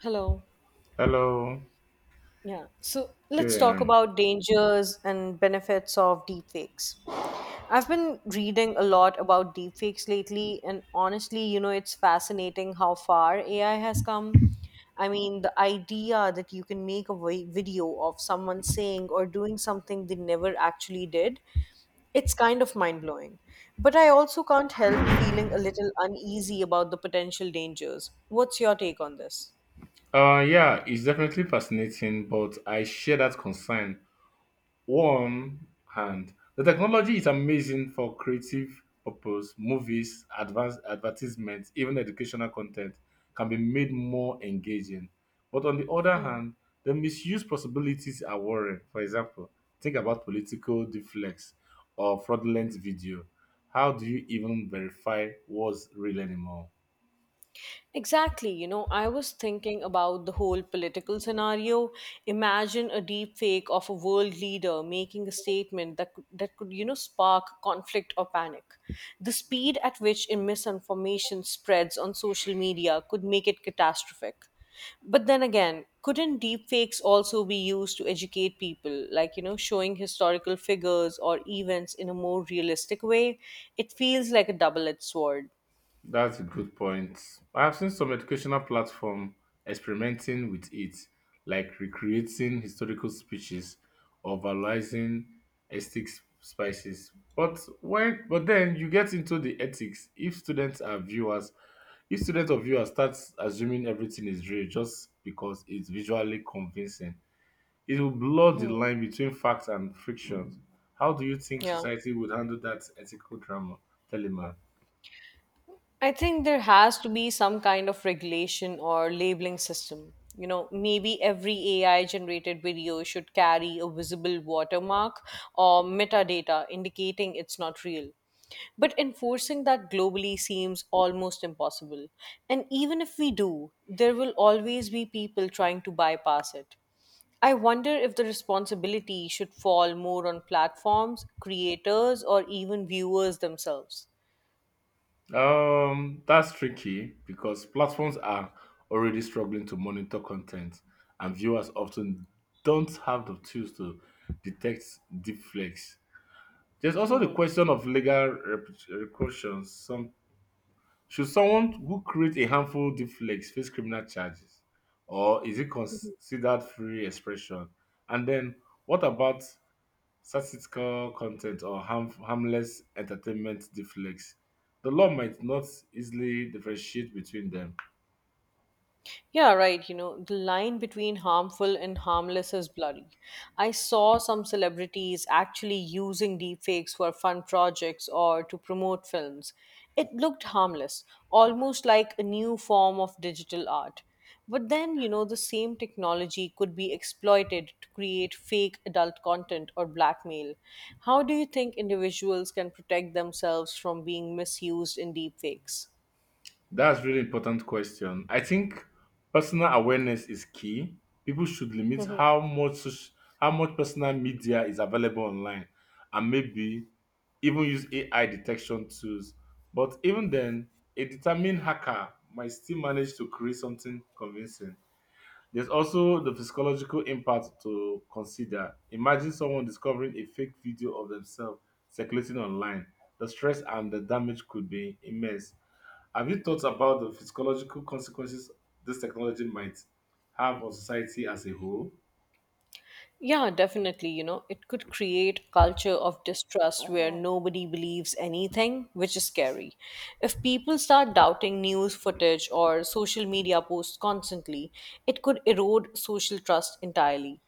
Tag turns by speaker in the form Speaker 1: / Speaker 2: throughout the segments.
Speaker 1: Hello.
Speaker 2: Hello,
Speaker 1: Yeah. So let's talk
Speaker 2: Kieran.
Speaker 1: about dangers and benefits of deepfakes. I've been reading a lot about deepfakes lately, and honestly, you know, it's fascinating how far AI has come. I mean, the idea that you can make a video of someone saying or doing something they never actually did, it's kind of mind blowing. But I also can't help feeling a little uneasy about the potential dangers. What's your take on this?
Speaker 2: Yeah, it's definitely fascinating, but I share that concern. One hand, the technology is amazing for creative purpose. Movies, advanced advertisements, even educational content can be made more engaging. But on the other
Speaker 1: Hmm.
Speaker 2: hand, the misuse possibilities are worrying. For example, think about political deflects or fraudulent video. How do you even verify what's real anymore?
Speaker 1: Exactly. You know, I was thinking about the whole political scenario. Imagine a deep fake of a world leader making a statement that could, you know, spark conflict or panic. The speed at which misinformation spreads on social media could make it catastrophic. But then again, couldn't deepfakes also be used to educate people, like, you know, showing historical figures or events in a more realistic way? It feels like a double edged sword.
Speaker 2: That's a good point. I have seen some educational platform experimenting with it, like recreating historical speeches or valorizing aesthetic spices. But then you get into the ethics. If students or viewers start assuming everything is real just because it's visually convincing, it will blur the line between fact and fiction. How do you think
Speaker 1: Yeah.
Speaker 2: society would handle that ethical drama, Telema?
Speaker 1: I think there has to be some kind of regulation or labeling system. You know, maybe every AI generated video should carry a visible watermark or metadata indicating it's not real. But enforcing that globally seems almost impossible. And even if we do, there will always be people trying to bypass it. I wonder if the responsibility should fall more on platforms, creators, or even viewers themselves.
Speaker 2: That's tricky because platforms are already struggling to monitor content, and viewers often don't have the tools to detect deepfakes. There's also the question of legal repercussions. Some should someone who creates a harmful deepfakes face criminal charges, or is it considered free expression? And then, what about statistical content or harmless entertainment deflects. The law might not easily differentiate between them.
Speaker 1: Yeah, right. You know, the line between harmful and harmless is blurry. I saw some celebrities actually using deepfakes for fun projects or to promote films. It looked harmless, almost like a new form of digital art. But then, you know, the same technology could be exploited to create fake adult content or blackmail. How do you think individuals can protect themselves from being misused in deepfakes?
Speaker 2: That's really important question. I think personal awareness is key. People should limit how much personal media is available online, and maybe even use AI detection tools. But even then, a determined hacker might still manage to create something convincing. There's also the physiological impact to consider. Imagine someone discovering a fake video of themselves circulating online. The stress and the damage could be immense. Have you thought about the physiological consequences this technology might have on society as a whole?
Speaker 1: Yeah, definitely. You know, it could create a culture of distrust where, yeah, nobody believes anything, which is scary. If people start doubting news footage or social media posts constantly, it could erode social trust entirely.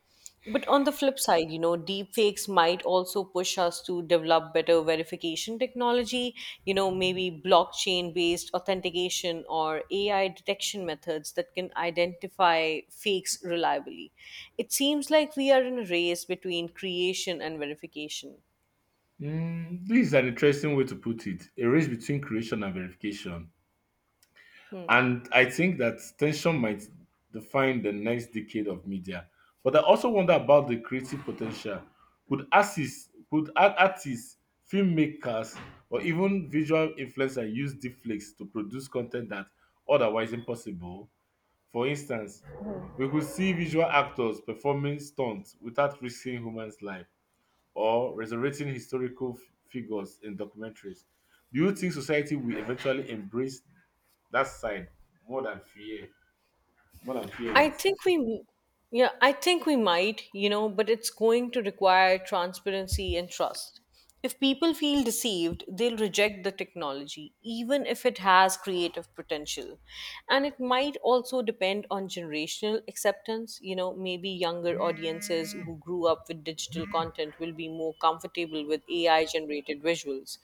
Speaker 1: But on the flip side, you know, deepfakes might also push us to develop better verification technology, you know, maybe blockchain based authentication or AI detection methods that can identify fakes reliably. It seems like we are in a race between creation and verification.
Speaker 2: Mm, this is an interesting way to put it. A race between creation and verification. And I think that tension might define the next decade of media. But I also wonder about the creative potential. Could artists, filmmakers, or even visual influencers use deepfakes to produce content that otherwise impossible? For instance, we could see visual actors performing stunts without risking humans' life or resurrecting historical figures in documentaries. Do you think society will eventually embrace that side more than fear more than fear
Speaker 1: I
Speaker 2: it.
Speaker 1: think we, yeah, I think we might, you know, but it's going to require transparency and trust. If people feel deceived, they'll reject the technology, even if it has creative potential. And it might also depend on generational acceptance. You know, maybe younger audiences who grew up with digital content will be more comfortable with AI generated visuals.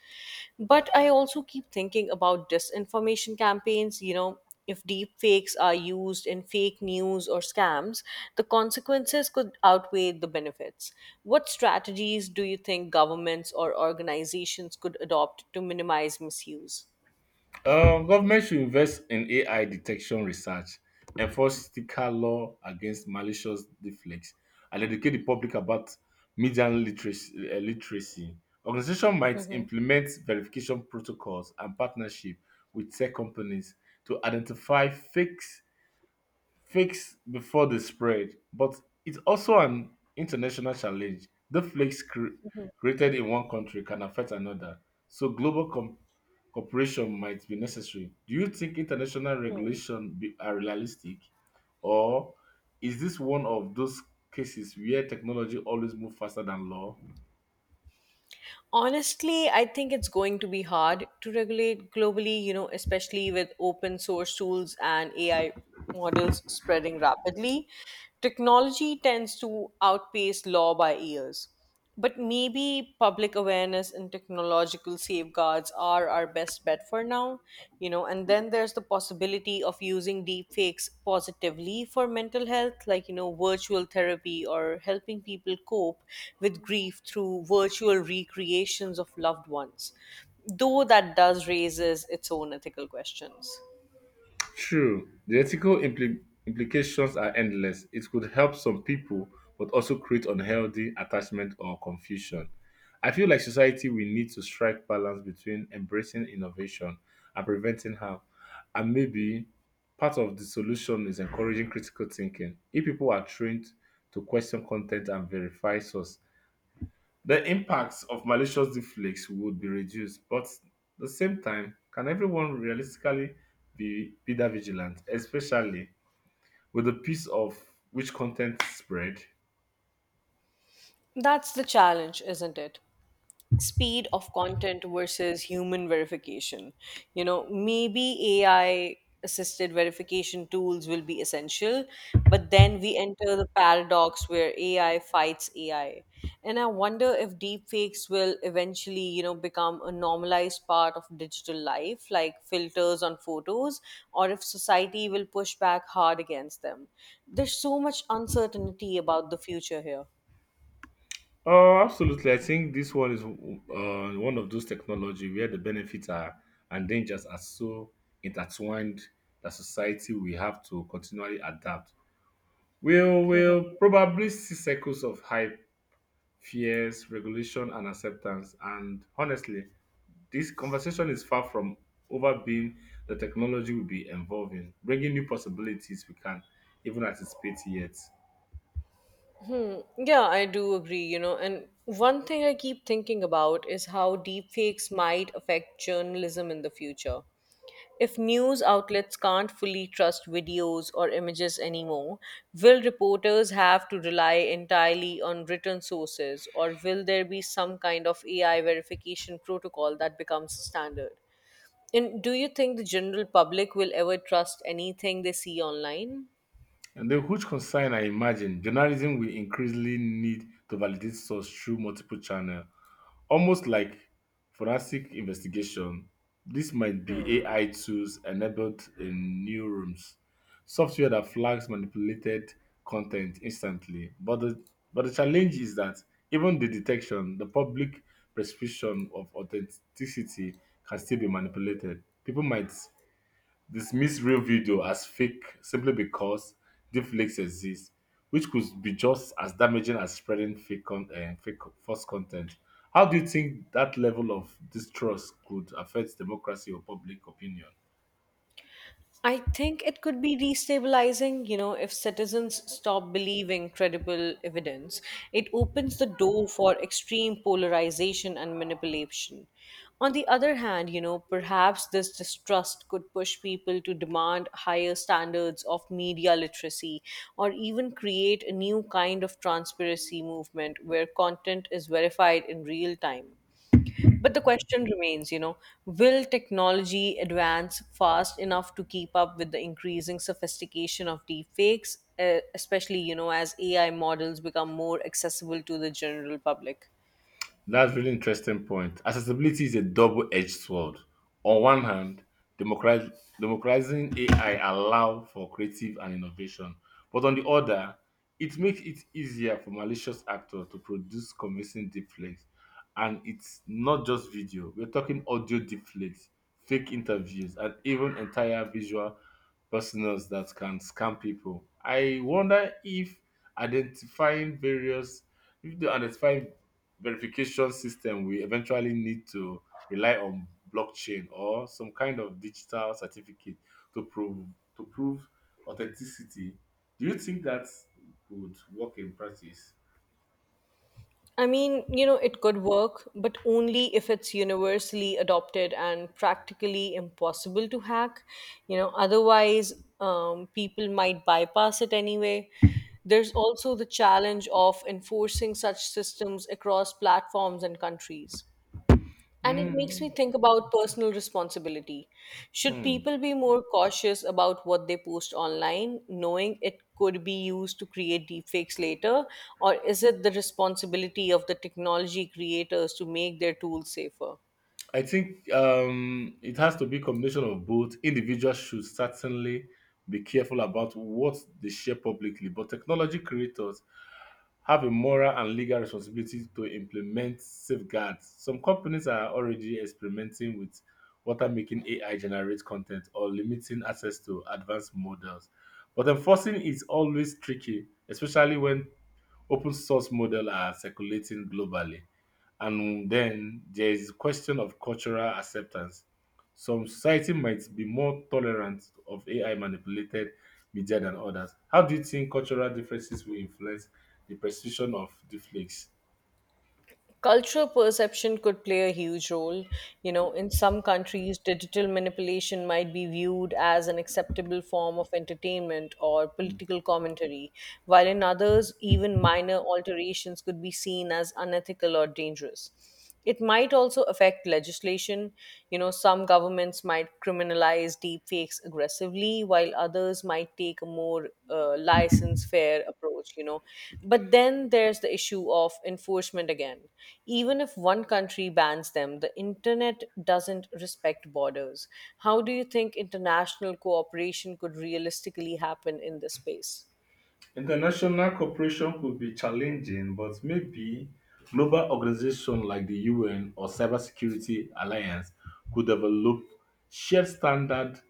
Speaker 1: But I also keep thinking about disinformation campaigns. You know, if deep fakes are used in fake news or scams, the consequences could outweigh the benefits. What strategies do you think governments or organizations could adopt to minimize misuse?
Speaker 2: Government should invest in AI detection research, enforce sticker law against malicious deflects, and educate the public about media literacy. Organization might implement verification protocols and partnership with tech companies to identify fakes before they spread, but it's also an international challenge. The flakes created in one country can affect another, so cooperation might be necessary. Do you think international are realistic, or is this one of those cases where technology always moves faster than law?
Speaker 1: Honestly, I think it's going to be hard to regulate globally, you know, especially with open source tools and AI models spreading rapidly. Technology tends to outpace law by years. But maybe public awareness and technological safeguards are our best bet for now, you know, and then there's the possibility of using deep fakes positively for mental health, like, you know, virtual therapy or helping people cope with grief through virtual recreations of loved ones, though that does raises its own ethical questions.
Speaker 2: True, the ethical implications are endless. It could help some people, but also create unhealthy attachment or confusion. I feel like society will need to strike balance between embracing innovation and preventing harm. And maybe part of the solution is encouraging critical thinking. If people are trained to question content and verify source, the impacts of malicious deepfakes would be reduced, but at the same time, can everyone realistically be that vigilant, especially with the piece of which content spread?
Speaker 1: That's the challenge, isn't it? Speed of content versus human verification. You know, maybe AI assisted verification tools will be essential, but then we enter the paradox where AI fights AI. And I wonder if deepfakes will eventually, you know, become a normalized part of digital life, like filters on photos, or if society will push back hard against them. There's so much uncertainty about the future here.
Speaker 2: Oh, absolutely. I think this one is one of those technology where the benefits are and dangers are so intertwined that society will have to continually adapt. We'll probably see cycles of hype, fears, regulation, and acceptance. And honestly, this conversation is far from over being the technology will be evolving, bringing new possibilities we can even anticipate yet.
Speaker 1: Hmm. Yeah, I do agree, you know. And one thing I keep thinking about is how deepfakes might affect journalism in the future. If news outlets can't fully trust videos or images anymore, will reporters have to rely entirely on written sources, or will there be some kind of AI verification protocol that becomes standard? And do you think the general public will ever trust anything they see online?
Speaker 2: And the huge concern I imagine journalism will increasingly need to validate source through multiple channels. Almost like forensic investigation, this might be AI tools enabled in new rooms. Software that flags manipulated content instantly. But the challenge is that even the detection, the public perception of authenticity can still be manipulated. People might dismiss real video as fake simply because deepfakes exist, which could be just as damaging as spreading fake false content. How do you think that level of distrust could affect democracy or public opinion?
Speaker 1: I think it could be destabilizing, you know, if citizens stop believing credible evidence. It opens the door for extreme polarization and manipulation. On the other hand, you know, perhaps this distrust could push people to demand higher standards of media literacy or even create a new kind of transparency movement where content is verified in real time. But the question remains, you know, will technology advance fast enough to keep up with the increasing sophistication of deepfakes, especially, you know, as AI models become more accessible to the general public?
Speaker 2: That's really interesting point. Accessibility is a double-edged sword. On one hand, democratiz- democratizing AI allow for creative and innovation, but on the other, it makes it easier for malicious actors to produce convincing deepfakes. And it's not just video. We're talking audio deepfakes, fake interviews, and even entire visual personas that can scam people. I wonder if identifying various if they identify verification system we eventually need to rely on blockchain or some kind of digital certificate to prove to prove authenticity. Do you think that would work in practice?
Speaker 1: I mean, you know, it could work, but only if it's universally adopted and practically impossible to hack. You know, otherwise, people might bypass it anyway. There's also the challenge of enforcing such systems across platforms and countries. And it makes me
Speaker 2: Hmm.
Speaker 1: think about personal responsibility. Should
Speaker 2: Hmm.
Speaker 1: people be more cautious about what they post online, knowing it could be used to create deepfakes later? Or is it the responsibility of the technology creators to make their tools safer?
Speaker 2: I think it has to be combination of both. Individuals should certainly be careful about what they share publicly, but technology creators have a moral and legal responsibility to implement safeguards. Some companies are already experimenting with what are making AI generate content or limiting access to advanced models. But enforcing is always tricky, especially when open source models are circulating globally. And then there is question of cultural acceptance. Some society might be more tolerant of AI manipulated media than others. How do you think cultural differences will influence the perception of deepfakes?
Speaker 1: Cultural perception could play a huge role. You know, in some countries, digital manipulation might be viewed as an acceptable form of entertainment or political commentary, while in others, even minor alterations could be seen as unethical or dangerous. It might also affect legislation. You know, some governments might criminalize deepfakes aggressively, while others might take a more license fair approach, you know. But then there's the issue of enforcement again. Even if one country bans them, the internet doesn't respect borders. How do you think international cooperation could realistically happen in this space?
Speaker 2: International cooperation could be challenging, but maybe global organizations like the UN or Cybersecurity Alliance could develop shared standards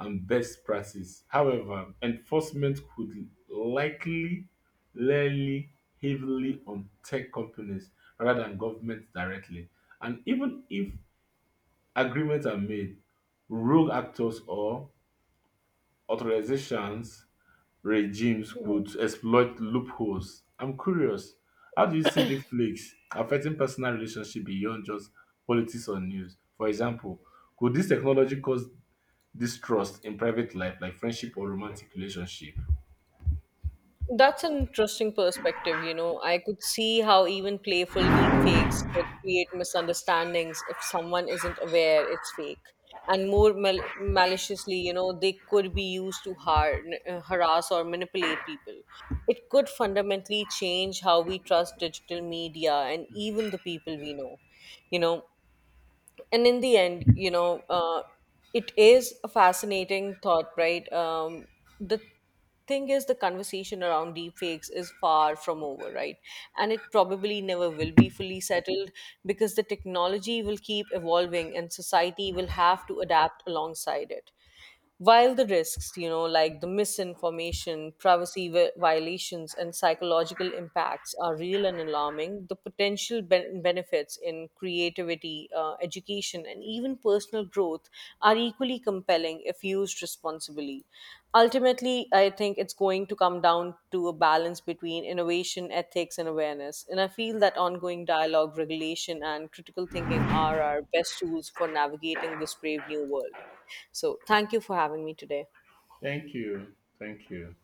Speaker 2: and best practice. However, enforcement could likely rely heavily on tech companies rather than governments directly. And even if agreements are made, rogue actors or authorizations regimes could exploit loopholes. I'm curious, how do you see deepfakes affecting personal relationship beyond just politics or news? For example, could this technology cause distrust in private life, like friendship or romantic relationship?
Speaker 1: That's an interesting perspective. You know, I could see how even playful deep fakes could create misunderstandings if someone isn't aware it's fake. And more maliciously, you know, they could be used to harass or manipulate people. It could fundamentally change how we trust digital media and even the people we know. You know, and in the end, it is a fascinating thought, right. The thing is, the conversation around deepfakes is far from over, right, and it probably never will be fully settled because the technology will keep evolving and society will have to adapt alongside it. While the risks, you know, like the misinformation, violations, and psychological impacts are real and alarming, the potential benefits in creativity, education, and even personal growth are equally compelling if used responsibly. Ultimately, I think it's going to come down to a balance between innovation, ethics, and awareness. And I feel that ongoing dialogue, regulation, and critical thinking are our best tools for navigating this brave new world. So thank you for having me today.
Speaker 2: Thank you. Thank you.